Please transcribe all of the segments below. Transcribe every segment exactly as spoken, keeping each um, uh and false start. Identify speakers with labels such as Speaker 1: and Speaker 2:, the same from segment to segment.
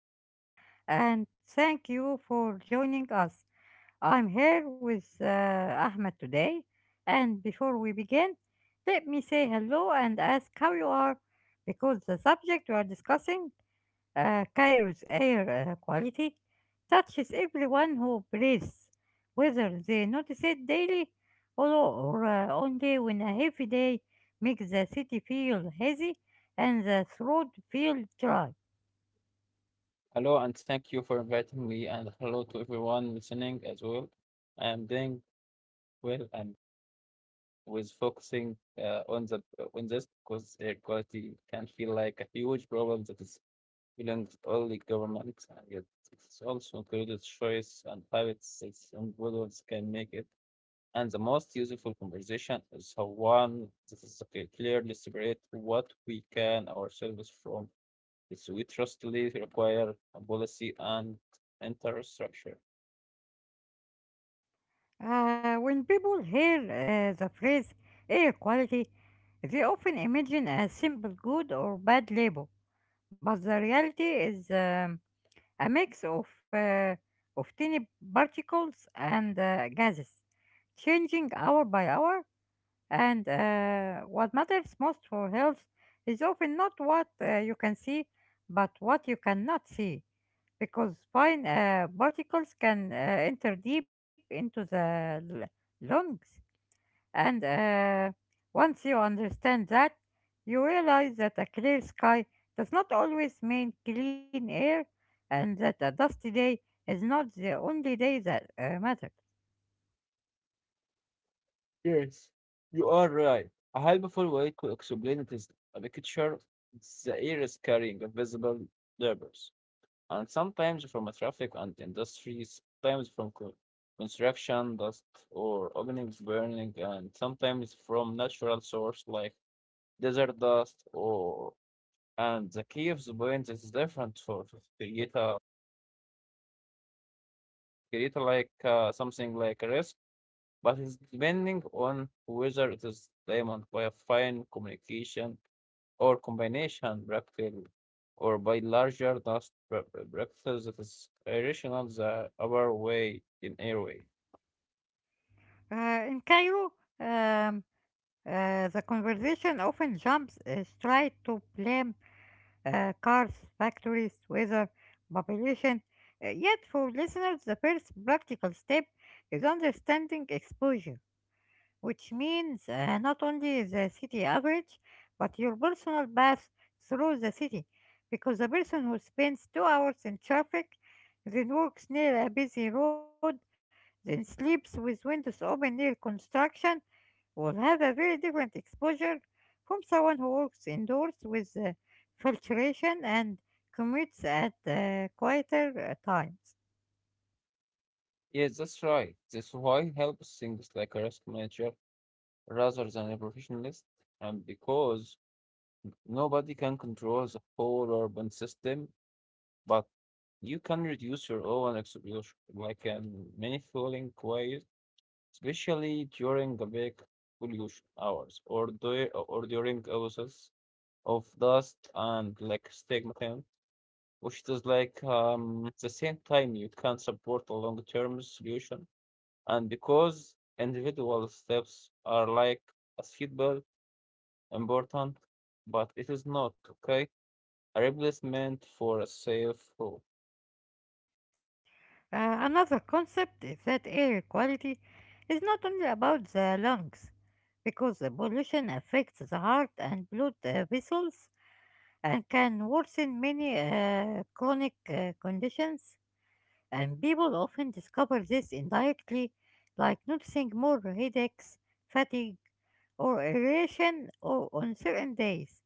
Speaker 1: episode. And thank you for joining us. I'm here with uh, Ahmed today. And before we begin, let me say hello and ask how you are because the subject we are discussing uh, Cairo's air uh, quality touches everyone who breathes, whether they notice it daily or, or uh, only when a heavy day makes the city feel hazy and the throat feel dry.
Speaker 2: Hello, and thank you for inviting me, and hello to everyone listening as well. I am doing well and with focusing uh, on the on this because air quality can feel like a huge problem that is belongs only governments, and yet it's also included choice and habits that individuals can make it. And the most useful conversation is the one that is okay, clearly separate what we can ourselves from this we trustly require a policy and infrastructure.
Speaker 1: Uh, when people hear uh, the phrase air quality, they often imagine a simple good or bad label, but the reality is um, a mix of, uh, of tiny particles and uh, gases, changing hour by hour. And uh, what matters most for health is often not what uh, you can see, but what you cannot see, because fine uh, particles can uh, enter deep into the l- lungs and uh, once you understand that, you realize that a clear sky does not always mean clean air, and that a dusty day is not the only day that uh, matters.
Speaker 2: Yes, you are right. A helpful way to explain it is a picture the air is carrying invisible labors, and sometimes from a traffic and industries, sometimes from co- construction dust or openings burning, and sometimes from natural source like desert dust or and the key of the point is different for to create a create a, like uh, something like a risk but it's depending on whether it is diamond by a fine communication or combination bractel or by larger dust bra- bra- bractels that is irrational the other way in airway.
Speaker 1: Uh, in Cairo, um, uh, the conversation often jumps uh, straight to blame uh, cars, factories, weather, population. Uh, yet, for listeners, the first practical step is understanding exposure, which means uh, not only the city average, but your personal path through the city. Because a person who spends two hours in traffic, then works near a busy road, then sleeps with windows open near construction, will have a very different exposure from someone who works indoors with uh, filtration and commutes at uh, quieter uh, times.
Speaker 2: Yes, that's right. That's why it helps things like a risk manager rather than a professionalist, and because nobody can control the whole urban system, but you can reduce your own exposure like in many falling ways especially during the peak pollution hours or, du- or during hours of dust and like stigmata, which is like um, at the same time you can support a long-term solution. And because individual steps are like a seatbelt important, but it is not okay, a replacement for a safe route.
Speaker 1: Uh, another concept is that air quality is not only about the lungs, because the pollution affects the heart and blood uh, vessels and can worsen many uh, chronic uh, conditions, and people often discover this indirectly, like noticing more headaches, fatigue, or irritation or on certain days.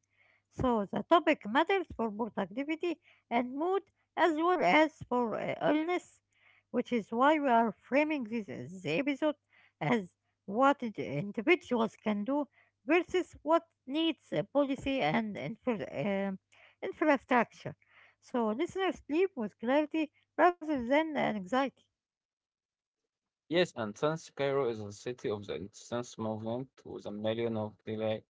Speaker 1: So the topic matters for productivity and mood as well as for uh, illness, which is why we are framing this, uh, this episode as what ind- individuals can do versus what needs a policy and infra- um infrastructure. So listeners sleep with clarity rather than anxiety.
Speaker 2: Yes, and since Cairo is a city of the Resistance movement with a million of daily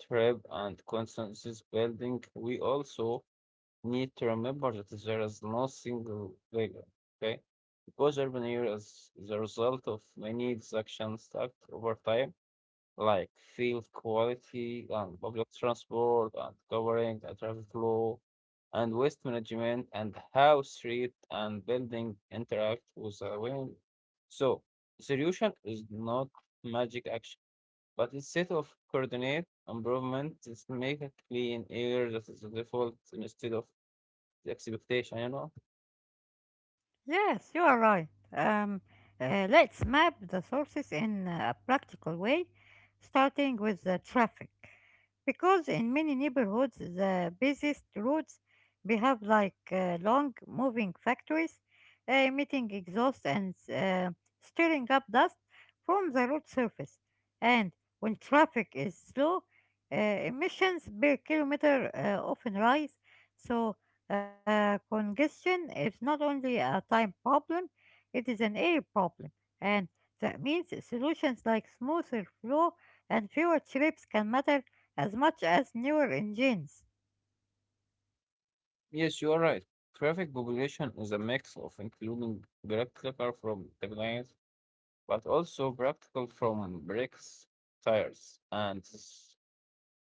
Speaker 2: trip, and constant this building, we also need to remember that there is no single failure, okay? Because urban area is the result of many actions stacked over time like field quality and public transport and covering the traffic flow and waste management and how street and building interact with the wind. So the solution is not magic action, but it's set of coordinate improvement is make a clean air that is the default instead of the expectation, you know?
Speaker 1: Yes, you are right. Um, uh, let's map the sources in a practical way, starting with the traffic. Because in many neighborhoods, the busiest roads behave like uh, long moving factories, uh, emitting exhaust and uh, stirring up dust from the road surface. And when traffic is slow, uh, emissions per kilometer uh, often rise. So Uh, congestion is not only a time problem, it is an air problem. And that means solutions like smoother flow and fewer trips can matter as much as newer engines.
Speaker 2: Yes, you are right. Traffic population is a mix of including direct car from the but also practical from bricks, tires, and s-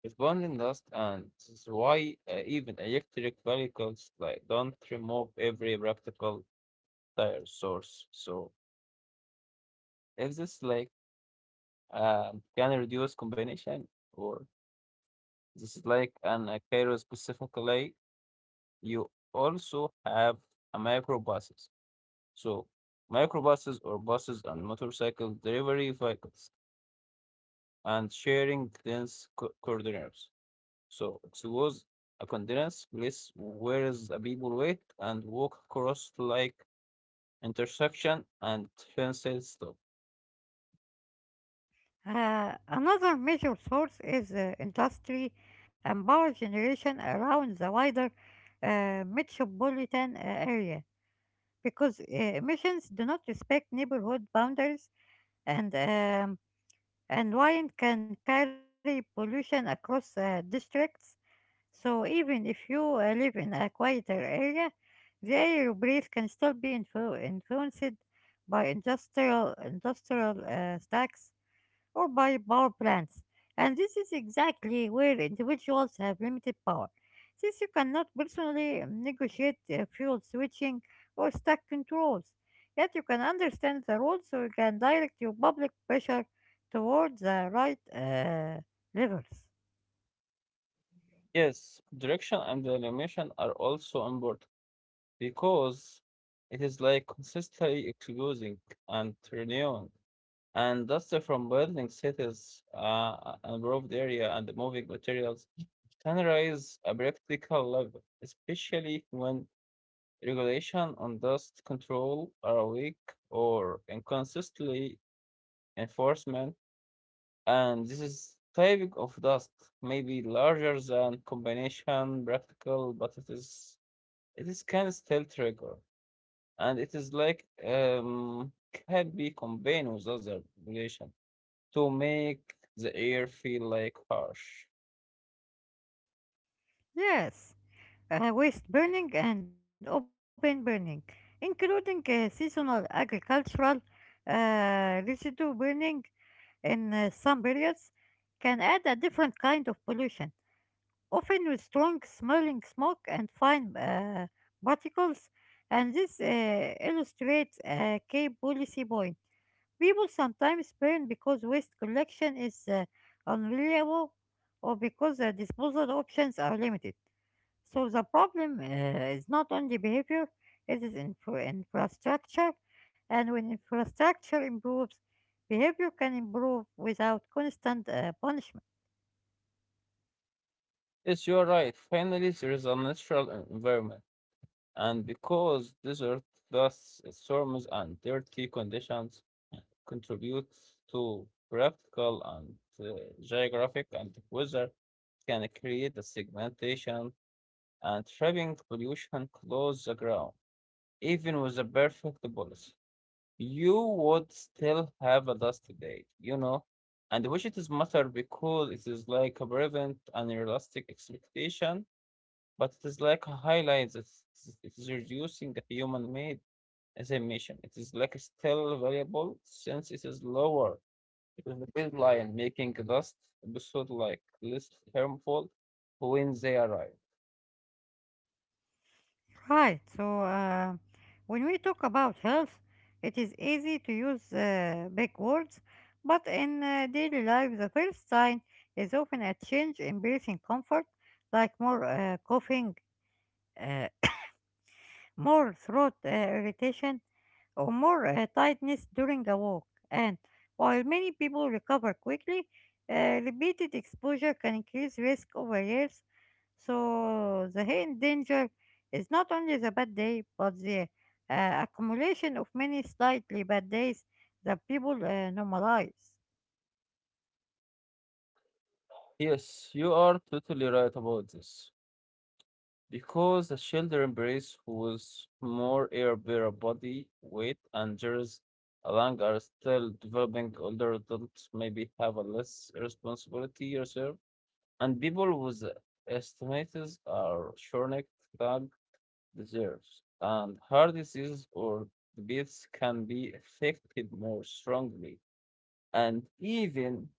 Speaker 2: responding dust, and this is why uh, even electric vehicles like don't remove every practical tire source. So if this like um, can reduce combination or this is like an a Cairo specifically, you also have a microbuses. So microbuses or buses and motorcycle delivery vehicles and sharing dense co- corridors. So it was a continuous place where the people wait and walk across like intersection and fences stop.
Speaker 1: Uh, another major source is uh, industry and power generation around the wider uh, metropolitan uh, area, because uh, emissions do not respect neighborhood boundaries and uh, and wine can carry pollution across uh, districts. So even if you uh, live in a quieter area, the air you breathe can still be influ- influenced by industrial industrial uh, stacks or by power plants. And this is exactly where individuals have limited power, since you cannot personally negotiate uh, fuel switching or stack controls. Yet you can understand the rules so you can direct your public pressure towards the right uh, levels.
Speaker 2: Yes, direction and animation are also important because it is like consistently excluding and renewing. And dust from building cities, uh, an improved area and moving materials can raise a practical level, especially when regulation on dust control are weak or inconsistently enforcement, and this is typing of dust may be larger than combination practical, but it is it is can still trigger, and it is like um can be combined with other regulation to make the air feel like harsh.
Speaker 1: Yes, uh, waste burning and open burning, including uh, seasonal agricultural uh, residue burning in uh, some periods, can add a different kind of pollution, often with strong smelling smoke and fine uh, particles, and this uh, illustrates a key policy point. People sometimes burn because waste collection is uh, unreliable or because the disposal options are limited. So the problem uh, is not only behavior, it is infra- infrastructure, and when infrastructure improves, behavior can improve without constant uh, punishment.
Speaker 2: Yes, you are right. Finally, there is a natural environment. And because desert thus storms and dirty conditions contribute to practical and uh, geographic and weather can create a segmentation and trapping pollution close the ground. Even with a perfect policy, you would still have a dusty day, you know. And which it is matter because it is like a prevent an realistic expectation but it is like highlights it is it is reducing the human-made assumption. It is like still valuable since it is lower than the baseline, making last episode like less harmful when they arrive.
Speaker 1: Right. So uh, when we talk about health, it is easy to use uh, big words, but in uh, daily life, the first sign is often a change in breathing comfort, like more uh, coughing, uh, more throat uh, irritation, or more uh, tightness during a walk. And while many people recover quickly, uh, repeated exposure can increase risk over years. So the hidden danger is not only the bad day, but the uh, accumulation of many slightly bad days that people uh, normalize.
Speaker 2: Yes, you are totally right about this. Because the shoulder embrace was more air bare body weight and there's a lung are still developing older adults maybe have a less responsibility reserve. And people with estimates are chronic lung disease and heart disease or diabetes can be affected more strongly. And even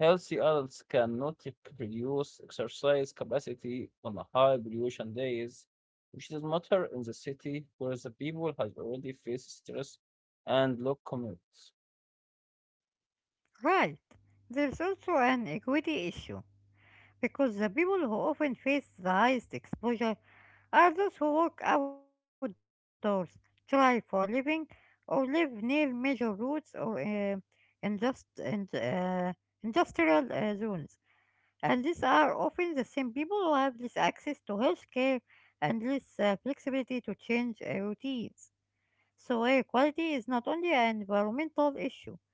Speaker 2: healthy adults cannot reduce exercise capacity on a high pollution days, which does matter in the city where the people have already faced stress and low commutes.
Speaker 1: Right. There's also an equity issue. Because the people who often face the highest exposure are those who work outdoors, thrive for a living, or live near major routes or uh, indust- and, uh, industrial uh, zones. And these are often the same people who have less access to health care and less uh, flexibility to change uh, routines. So, air quality is not only an environmental issue.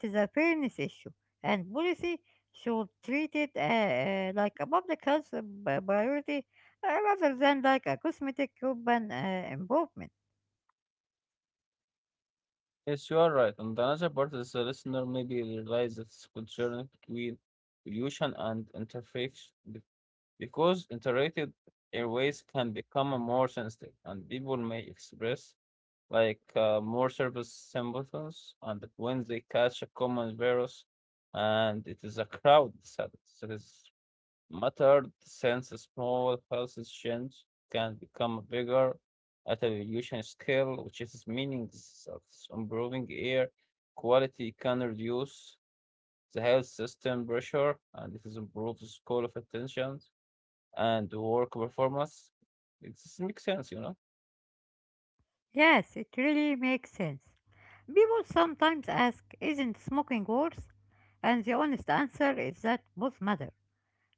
Speaker 1: It is a fairness issue, and policy should treat it uh, uh, like a public health uh, bi- priority uh, rather than like a cosmetic urban uh, improvement.
Speaker 2: Yes, you are right. On the other part, as a listener maybe realize it's concern between pollution and interface be- because interactive airways can become a more sensitive and people may express like uh, more surface symptoms and when they catch a common virus and it is a crowd that is muttered since small hallucinations can become bigger at a evolution scale, which is meaning that improving air quality can reduce the health system pressure and it is improves call of attention and work performance. It makes sense, you know?
Speaker 1: Yes, it really makes sense. People sometimes ask, isn't smoking worse? And the honest answer is that both matter.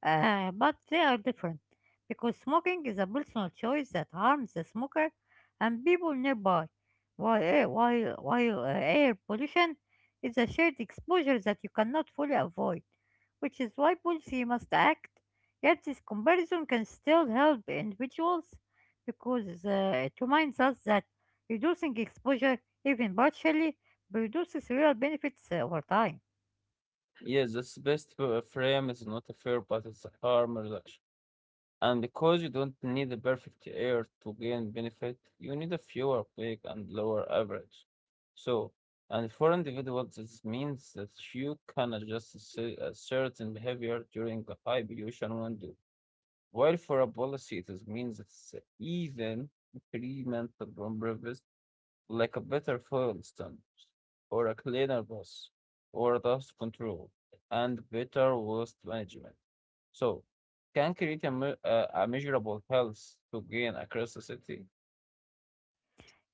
Speaker 1: Uh, but they are different because smoking is a personal choice that harms the smoker and people nearby, while, air, while, while uh, air pollution is a shared exposure that you cannot fully avoid, which is why policy must act. Yet, this comparison can still help individuals because uh, it reminds us that reducing exposure, even partially, produces real benefits uh, over time.
Speaker 2: Yes, this best uh, frame is not a fair, but it's a harm reduction. And because you don't need the perfect air to gain benefit, you need a fewer peak and lower average. So, and for individuals, this means that you can adjust a cer- a certain behavior during a high pollution window. While for a policy, it is means that it's even incremental improvements, like a better fuel standards, or a cleaner bus, or dust control, and better waste management. So, can create a, me- uh, a measurable health to gain a curiosity?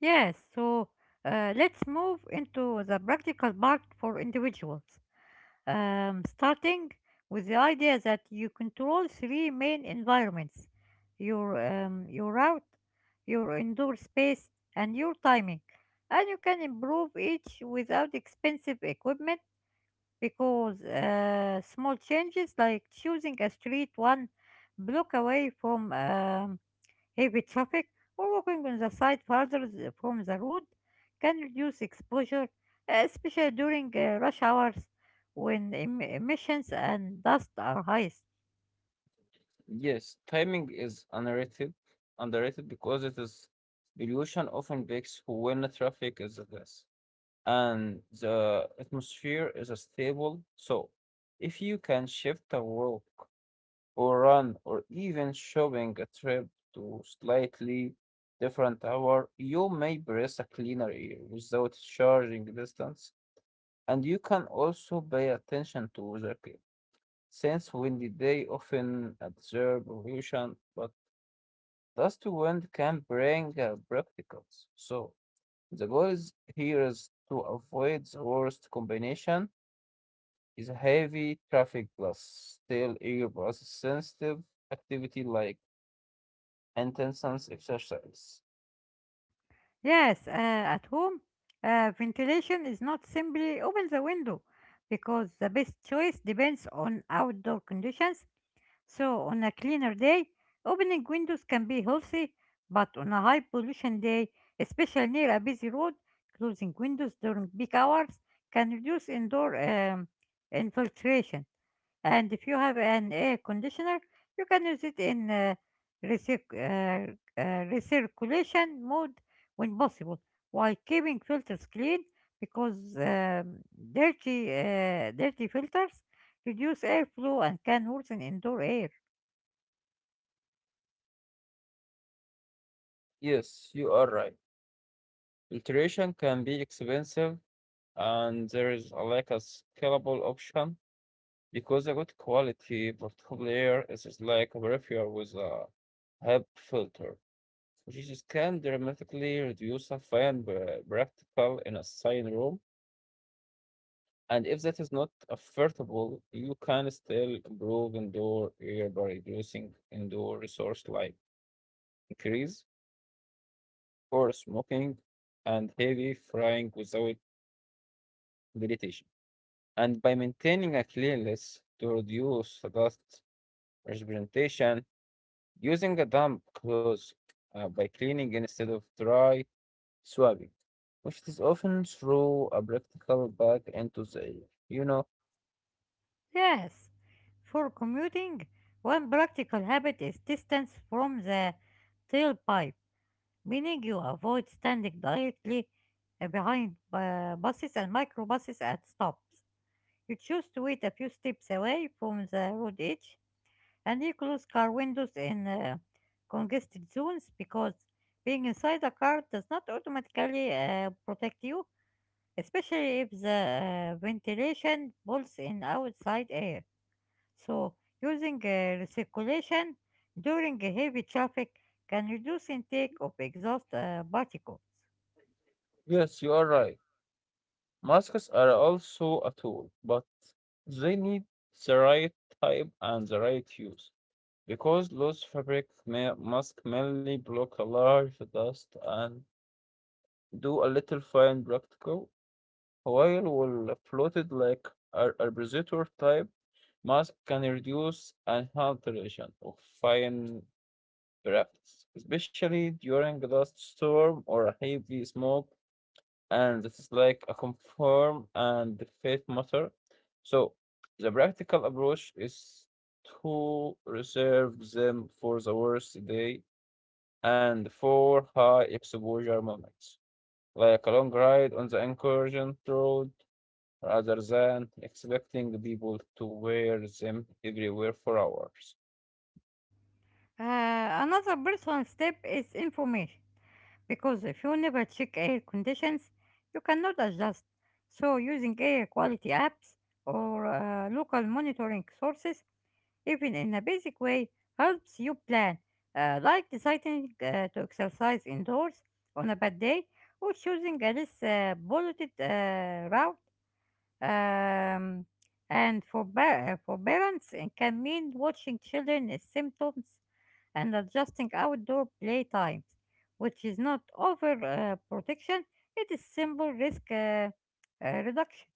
Speaker 1: Yes, so uh, let's move into the practical part for individuals. Um, starting with the idea that you control three main environments: your, um, your route, your indoor space, and your timing. And you can improve each without expensive equipment because uh, small changes like choosing a street one block away from um, heavy traffic or walking on the side farther th- from the road can reduce exposure, uh, especially during uh, rush hours when em- emissions and dust are highest.
Speaker 2: Yes, timing is underrated, underrated because it is illusion often breaks when the traffic is at less and the atmosphere is stable. So, if you can shift a walk or run or even shopping a trip to slightly different hour, you may breathe a cleaner air without charging distance. And you can also pay attention to their care, since windy day often absorb pollution, but dust wind can bring uh, particles. So the goal is here is to avoid the worst combination is heavy traffic plus still air plus sensitive activity like intense exercise.
Speaker 1: Yes, uh, at home, uh, ventilation is not simply open the window, because the best choice depends on outdoor conditions. So, on a cleaner day, opening windows can be healthy, but on a high pollution day, especially near a busy road, closing windows during peak hours can reduce indoor um, infiltration. And if you have an air conditioner, you can use it in uh, recirc- uh, uh, recirculation mode when possible, while keeping filters clean because um, dirty, uh, dirty filters reduce airflow and can worsen indoor air.
Speaker 2: Yes, you are right. Filtration can be expensive and there is a lack of scalable option because a good quality portable air is just like a peripheral with a HEPA filter, which is can dramatically reduce a fine pra- practical in a sign room. And if that is not affordable, you can still improve indoor air by reducing indoor resource like increase or smoking and heavy frying without meditation. And by maintaining a cleanliness to reduce dust representation using a damp cloth uh, by cleaning instead of dry swabbing, which is often through a practical back into the air. You know,
Speaker 1: Yes, for commuting, one practical habit is distance from the tailpipe, meaning you avoid standing directly uh, behind bu- buses and microbuses at stops. You choose to wait a few steps away from the road edge, and you close car windows in uh, congested zones, because being inside a car does not automatically uh, protect you, especially if the uh, ventilation pulls in outside air. So, using uh, recirculation during a heavy traffic can reduce intake of exhaust uh, particles.
Speaker 2: yes, you are right. Masks are also a tool, but they need the right type and the right use because loose fabric ma- mask mainly block a large dust and do a little fine practical, while will floated like a a repositor type mask can reduce inhalation of fine breaths, especially during a dust storm or a heavy smoke, and this is like a confirm and the faith matter. So the practical approach is to reserve them for the worst day and for high exposure moments, like a long ride on the incursion road, rather than expecting people to wear them everywhere for hours.
Speaker 1: Uh, another personal step is information, because if you never check air conditions, you cannot adjust. So, using air quality apps or uh, local monitoring sources, even in a basic way, helps you plan, uh, like deciding uh, to exercise indoors on a bad day or choosing a less uh, polluted uh, route, um, and for, ba- for parents, it can mean watching children's symptoms and adjusting outdoor play times, which is not over uh, protection, it is simple risk uh, uh, reduction.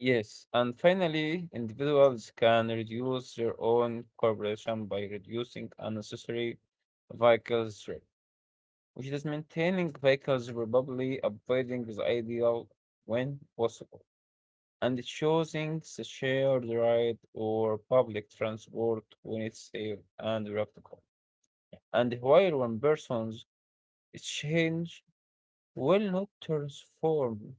Speaker 2: Yes, and finally, individuals can reduce their own cooperation by reducing unnecessary vehicle trip, which is maintaining vehicles probably avoiding the ideal when possible, and choosing the shared ride or public transport when it's safe and practical. And while one person's change will not transform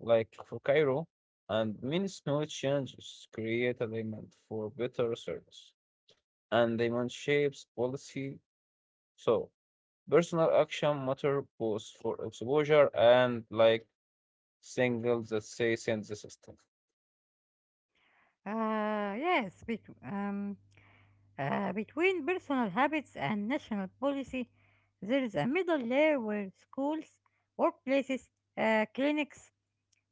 Speaker 2: like for Cairo, and many small changes create a demand for better service, and demand shapes policy. So personal action matter both for exposure and like signals that say send the system.
Speaker 1: Uh, yes, bec- um, uh, between personal habits and national policy, there is a middle layer where schools, workplaces, uh, clinics,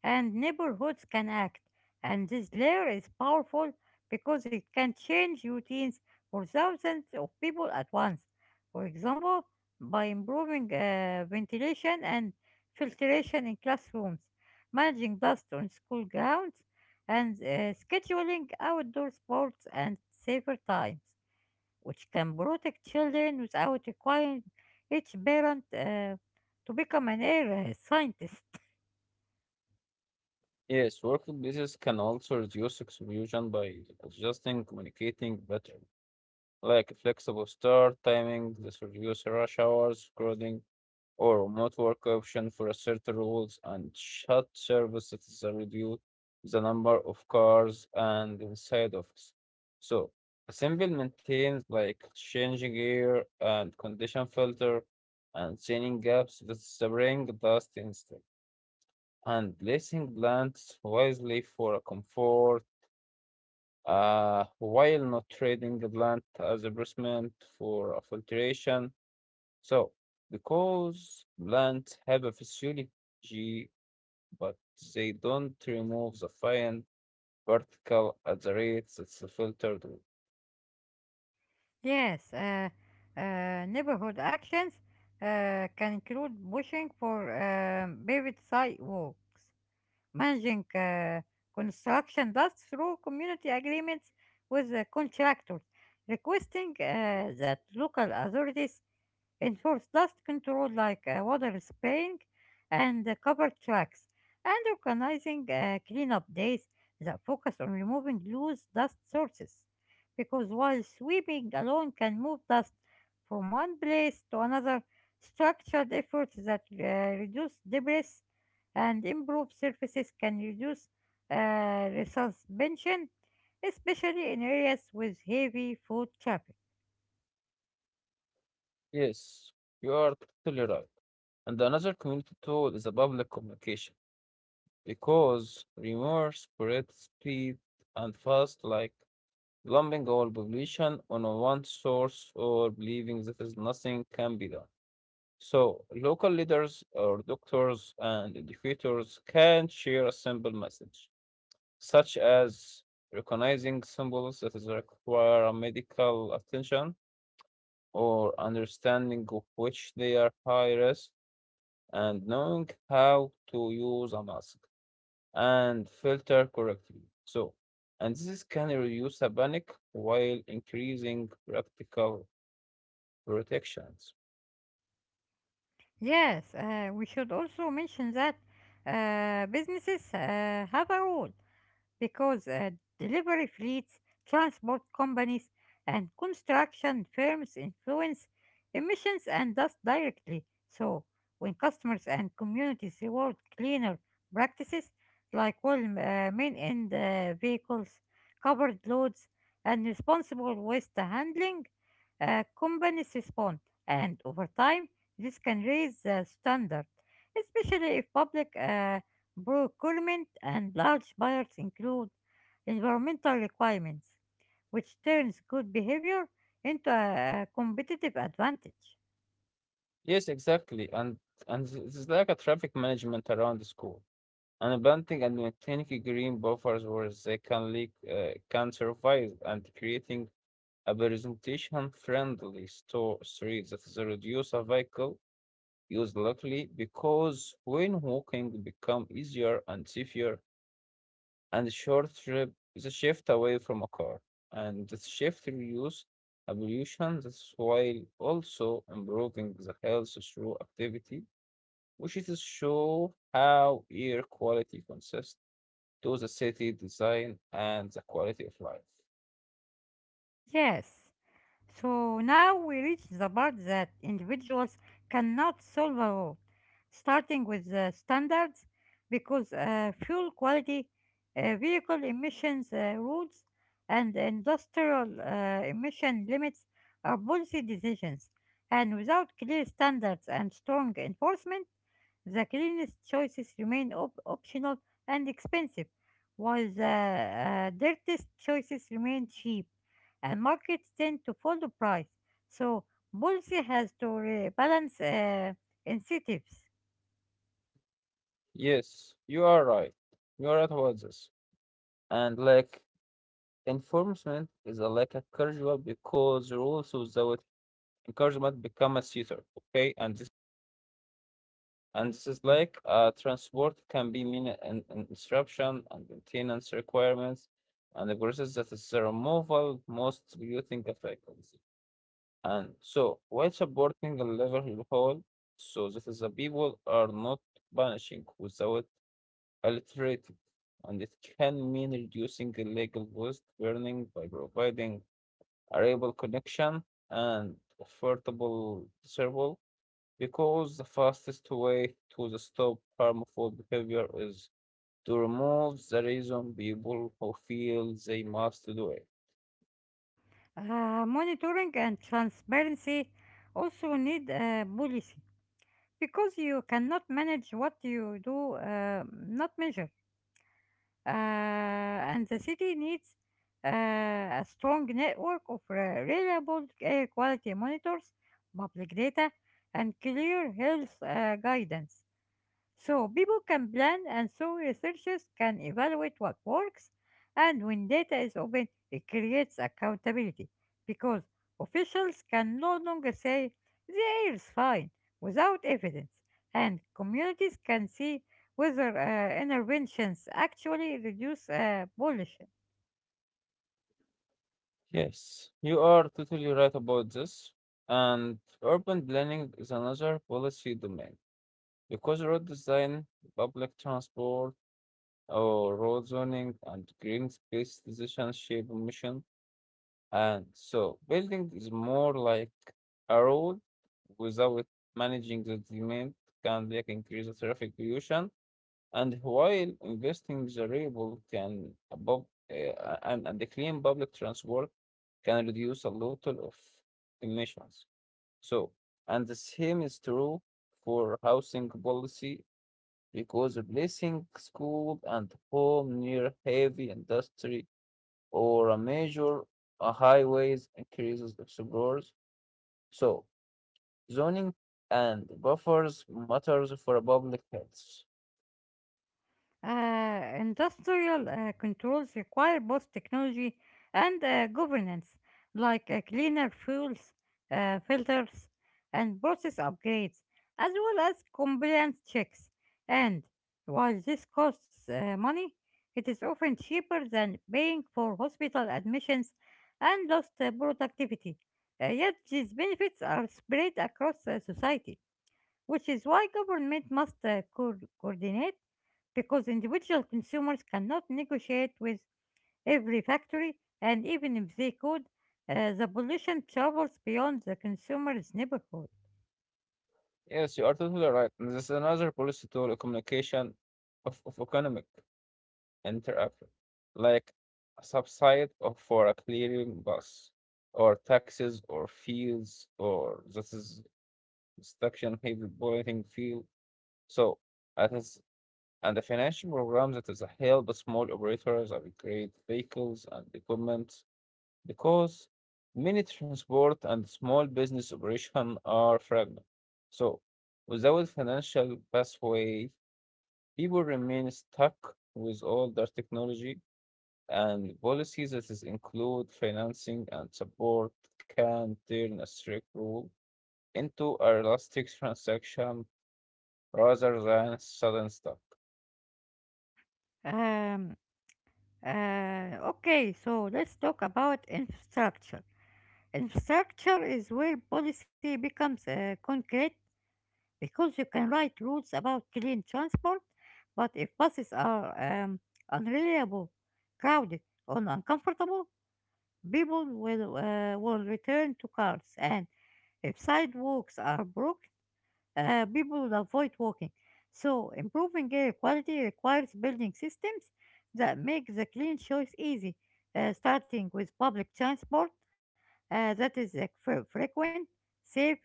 Speaker 1: and neighborhoods can act. And this layer is powerful because it can change routines for thousands of people at once. For example, by improving uh, ventilation and filtration in classrooms, managing dust on school grounds, and uh, scheduling outdoor sports and safer times, which can protect children without requiring each parent uh, to become an air uh, scientist.
Speaker 2: Yes, workplaces can also reduce exclusion by adjusting, communicating better, like flexible start timing, this reduce rush hours, crowding, or network option for certain rules and shut services that reduce the number of cars and inside office. So assemble maintains like changing gear and condition filter and sealing gaps that spring dust instead and placing plants wisely for a comfort uh, while not trading the plant as a basement for a filtration so, because plants have a physiology, but they don't remove the fine particle at the rate that's filtered with.
Speaker 1: Yes, uh, uh, neighborhood actions uh, can include pushing for um, paved sidewalks, managing uh, construction dust through community agreements with the contractors, requesting uh, that local authorities enforce dust control like uh, water spraying and uh, cover tracks, and organizing uh, cleanup days that focus on removing loose dust sources. Because while sweeping alone can move dust from one place to another, structured efforts that uh, reduce debris and improve surfaces can reduce uh, resuspension, especially in areas with heavy foot traffic.
Speaker 2: Yes, you are totally right. And another community tool is the public communication, because rumors spread speed and fast, like lumping all population on a one source or believing that is nothing can be done. So, local leaders or doctors and educators can share a simple message, such as recognizing symbols that is require a medical attention or understanding of which they are high risk and knowing how to use a mask and filter correctly. So, and this can reduce a panic while increasing practical protection.
Speaker 1: Yes, uh, we should also mention that uh, businesses uh, have a role because uh, delivery fleets, transport companies, and construction firms influence emissions and dust directly. So, when customers and communities reward cleaner practices like well uh, main end uh, vehicles, covered loads, and responsible waste handling, uh, companies respond, and over time, this can raise the standard, especially if public uh, procurement and large buyers include environmental requirements, which turns good behavior into a competitive advantage.
Speaker 2: Yes, exactly. And and it's is like a traffic management around the school. And planting and maintaining green buffers where they can leak, uh, can survive, and creating a presentation-friendly store street that is reduce a vehicle use locally, because when walking become easier and safer, and the short trip is a shift away from a car, and this shift reduce pollution. That's while also improving the health through activity, which is to show how air quality consists to the city design and the quality of life.
Speaker 1: Yes, so now we reach the part that individuals cannot solve alone, starting with the standards, because uh, fuel quality, uh, vehicle emissions uh, rules, and industrial uh, emission limits are policy decisions. And without clear standards and strong enforcement, the cleanest choices remain op- optional and expensive, while the uh, dirtiest choices remain cheap, and markets tend to follow price. So policy has to re- balance uh, incentives.
Speaker 2: Yes, you are right. You are right about this. And like enforcement is a, like a casual, because rules without encouragement become a theater. Okay, and this and this is like uh, transport can be mean an, an disruption and maintenance requirements and the process that is the removal most polluting effects. And so, while supporting the level of whole, so that is the people are not vanishing without alliterated, and it can mean reducing illegal waste burning by providing a reliable connection and affordable service, because the fastest way to the stop harmful behavior is to remove the reason people who feel they must do it.
Speaker 1: Uh, monitoring and transparency also need uh, policy because you cannot manage what you do uh, not measure. Uh, and the city needs uh, a strong network of re- reliable air quality monitors, public data, and clear health uh, guidance. So people can plan and so researchers can evaluate what works, and when data is open it creates accountability because officials can no longer say the air is fine without evidence, and communities can see whether uh, interventions actually reduce uh, pollution.
Speaker 2: Yes, you are totally right about this. And urban planning is another policy domain, because road design, public transport, or road zoning and green space decisions shape mission. And so, building is more like a road without managing the demand can like increase the traffic pollution, and while investing the reliable can above uh, and, and the clean public transport can reduce a lot of emissions. So, and the same is true for housing policy, because replacing school and home near heavy industry or a major uh, highways increases explorers. So, zoning and buffers matters for public health.
Speaker 1: Uh, industrial uh, controls require both technology and uh, governance, like uh, cleaner fuels, uh, filters, and process upgrades, as well as compliance checks. And while this costs uh, money, it is often cheaper than paying for hospital admissions and lost uh, productivity. Uh, yet these benefits are spread across uh, society, which is why government must uh, co- coordinate because individual consumers cannot negotiate with every factory, and even if they could, uh, the pollution travels beyond the consumer's neighborhood.
Speaker 2: Yes, you are totally right. And this is another policy tool, a communication of, of economic interaction, like a subside of for a clearing bus, or taxes, or fees, or this is instruction heavy bolting field. So that is and the financial program that is a help small operators upgrade vehicles and equipment, because many transport and small business operations are fragmented. So, without financial pathway, people remain stuck with older technology, and policies that is include financing and support can turn a strict rule into a realistic transaction rather than sudden stop.
Speaker 1: Um, uh, okay, so let's talk about infrastructure. Infrastructure is where policy becomes uh, concrete because you can write rules about clean transport, but if buses are um, unreliable, crowded, or uncomfortable, people will, uh, will return to cars, and if sidewalks are broken, uh, people will avoid walking. So, improving air quality requires building systems that make the clean choice easy, uh, starting with public transport uh, that is like, fre- frequent, safe,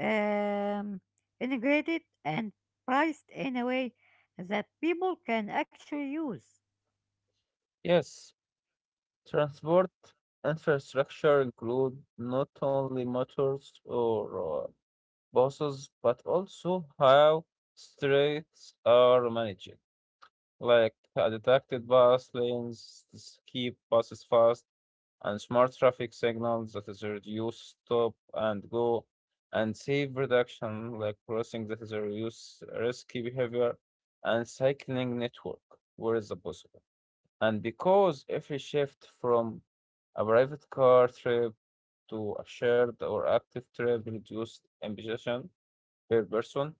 Speaker 1: um, integrated, and priced in a way that people can actually use.
Speaker 2: Yes, transport infrastructure include not only motors or uh, bosses, but also how streets are managed. Like uh, detected bus lanes, s- keep buses fast, and smart traffic signals that is reduce stop and go, and save reduction, like crossing that is a reduce risky behavior, and cycling network where is the possible. And because every shift from a private car trip to a shared or active trip reduced emission per person,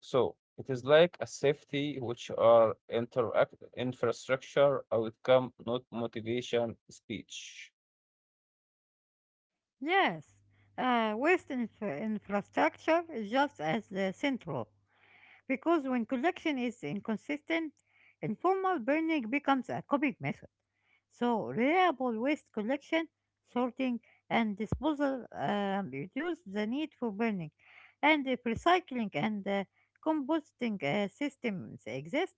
Speaker 2: so it is like a safety which are interact infrastructure outcome, not motivation speech.
Speaker 1: Yes, uh, waste infra- infrastructure is just as uh, central because when collection is inconsistent, informal burning becomes a coping method. So, reliable waste collection, sorting, and disposal um, reduce the need for burning. And if recycling and uh, composting uh, systems exist,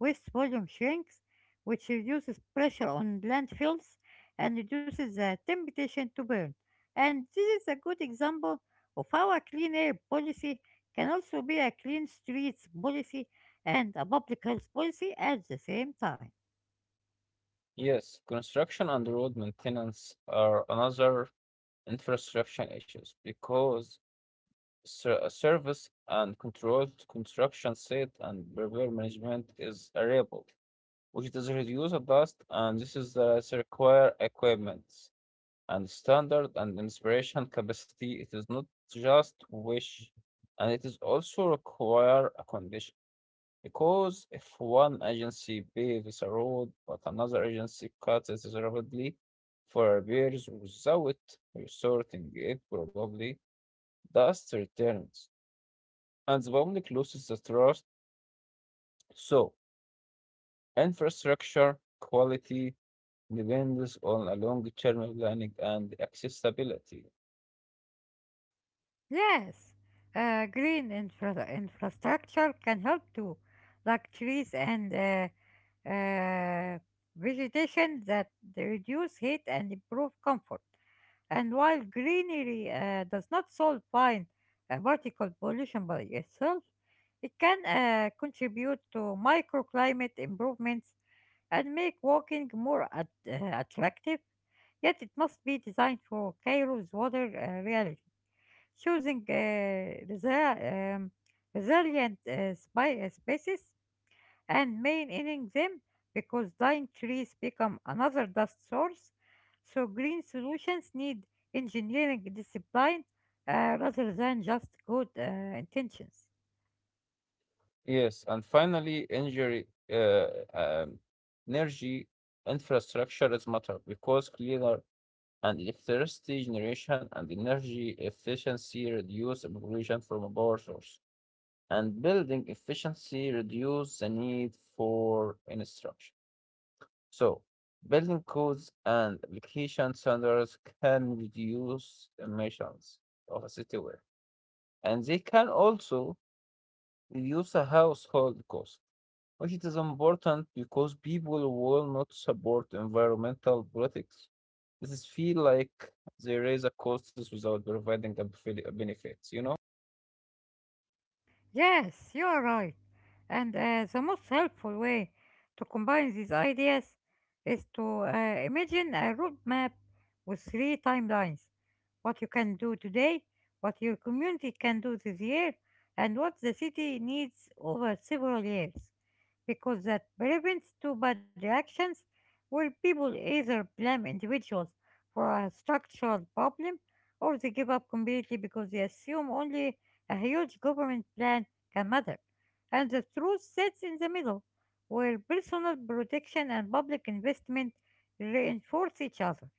Speaker 1: waste volume shrinks, which reduces pressure on landfills and reduces the temptation to burn. And this is a good example of how a clean air policy can also be a clean streets policy and a public health policy at the same time.
Speaker 2: Yes, construction and road maintenance are another infrastructure issues, because ser- service and controlled construction site and repair management is variable, which does reduce the dust and this is the require equipment, and standard and inspiration capacity. It is not just wish, and it is also require a condition. Because if one agency paves a road but another agency cuts it rapidly for repairs without resorting it, probably dust returns and the public loses the trust. So, infrastructure quality depends on a long-term planning and accessibility.
Speaker 1: Yes, uh, green infra- infrastructure can help too, like trees and uh, uh, vegetation that reduce heat and improve comfort. And while greenery uh, does not solve fine uh, particle pollution by itself, it can uh, contribute to microclimate improvements and make walking more at- uh, attractive. Yet it must be designed for Cairo's water uh, reality, choosing uh, resi- um, resilient uh, spi- uh, species and maintaining them because dying trees become another dust source. So green solutions need engineering discipline uh, rather than just good uh, intentions.
Speaker 2: Yes, and finally, energy, uh, um, energy infrastructure is matter, because cleaner and electricity generation and energy efficiency reduce pollution from a power source, and building efficiency reduce the need for infrastructure. So, building codes and application standards can reduce emissions of a city wear, and they can also reduce the household cost, which it is important, because people will not support environmental politics. This is feel like they raise the costs without providing the befe- benefits, you know?
Speaker 1: Yes, you are right. And uh, the most helpful way to combine these ideas is to uh, imagine a roadmap with three timelines: what you can do today, what your community can do this year, and what the city needs over several years. Because that prevents too bad reactions where people either blame individuals for a structural problem or they give up completely because they assume only a huge government plan a mother, and the truth sits in the middle, where personal protection and public investment reinforce each other.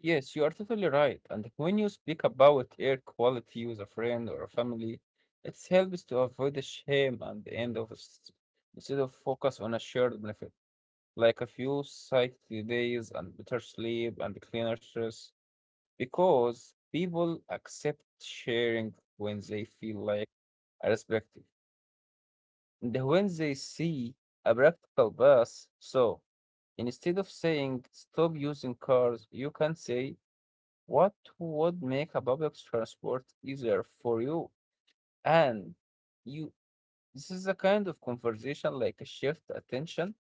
Speaker 2: Yes, you are totally right. And when you speak about air quality with a friend or a family, it helps to avoid the shame and the end of s- instead of focus on a shared benefit, like a few city days and better sleep and cleaner stress, because people accept sharing when they feel like respected. And when they see a practical bus, so instead of saying stop using cars, you can say what would make a public transport easier for you? And you this is a kind of conversation like a shift attention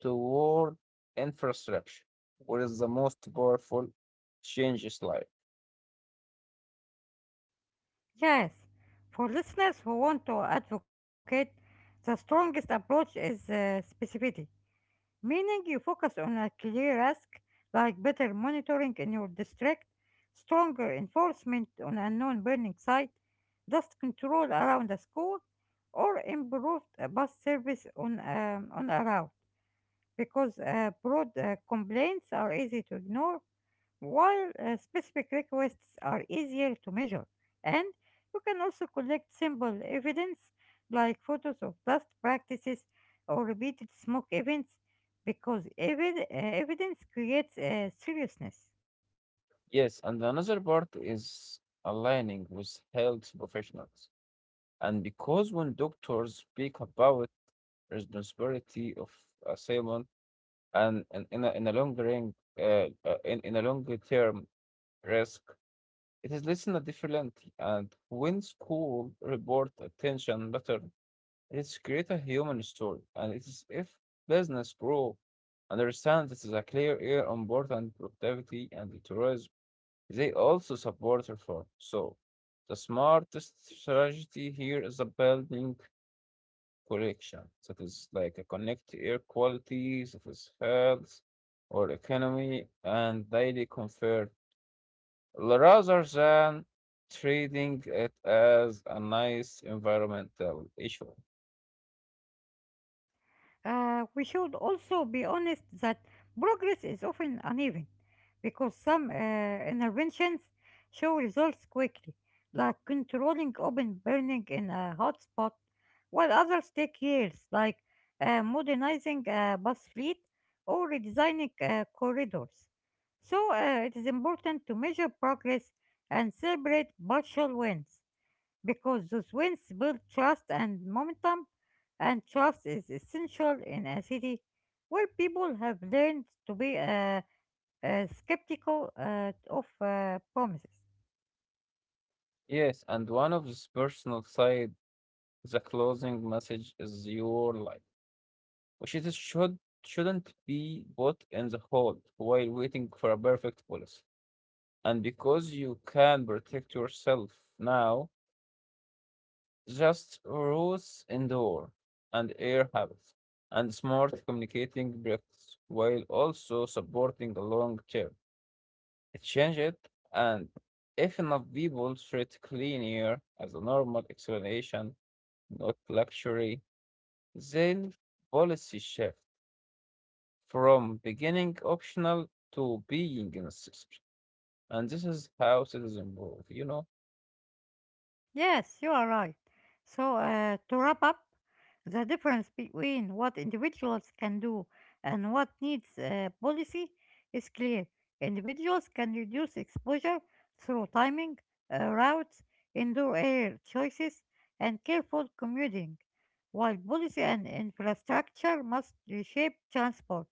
Speaker 2: toward infrastructure, what is the most powerful changes life.
Speaker 1: Yes, for listeners who want to advocate, the strongest approach is uh, specificity, meaning you focus on a clear ask, like better monitoring in your district, stronger enforcement on a non burning site, dust control around a school, or improved uh, bus service on, um, on a route. Because uh, broad uh, complaints are easy to ignore, while uh, specific requests are easier to measure. And you can also collect simple evidence like photos of dust practices or repeated smoke events because evi- uh, evidence creates uh, seriousness.
Speaker 2: Yes, and another part is aligning with health professionals. And because when doctors speak about responsibility of asylum, and, and in a, in a long ring, uh, uh, in, in a longer term risk, it is less than a different. And when school report attention better, it's create a human story. And it is if business grow, understand this is a clear air on board and productivity and the tourism, they also support reform. So the smartest strategy here is a building correction, that is like a connect to air quality, that is health or economy, and daily comfort, rather than treating it as a nice environmental issue.
Speaker 1: Uh, we should also be honest that progress is often uneven because some uh, interventions show results quickly, like controlling open burning in a hotspot, while others take years, like uh, modernizing a bus fleet or redesigning uh, corridors. So uh, it is important to measure progress and celebrate partial wins because those wins build trust and momentum, and trust is essential in a city where people have learned to be uh, uh, skeptical uh, of uh, promises.
Speaker 2: Yes, and one of this personal side, the closing message is your life, which it is should shouldn't be put in the hold while waiting for a perfect policy. And because you can protect yourself now, just roots indoor and air habits and smart communicating practice while also supporting the long term. Change it, and if enough people treat clean air as a normal explanation, not luxury, then policy shift from beginning optional to being necessary. And this is how citizens move, you know?
Speaker 1: Yes, you are right. So, uh, to wrap up, the difference between what individuals can do and what needs uh, policy is clear. Individuals can reduce exposure through timing, uh, routes, indoor air choices, and careful commuting, while policy and infrastructure must reshape transport,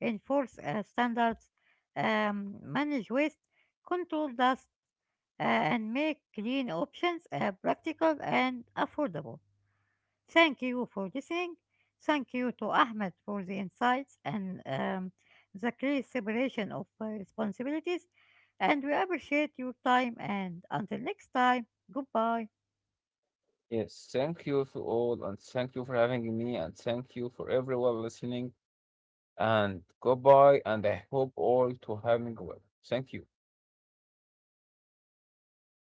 Speaker 1: enforce uh, standards, um, manage waste, control dust, uh, and make green options uh, practical and affordable. Thank you for listening. Thank you to Ahmed for the insights and um, the clear separation of uh, responsibilities. And we appreciate your time. And until next time, goodbye.
Speaker 2: Yes, thank you to all, and thank you for having me, and thank you for everyone listening, and goodbye, and I hope all to having well. Thank you.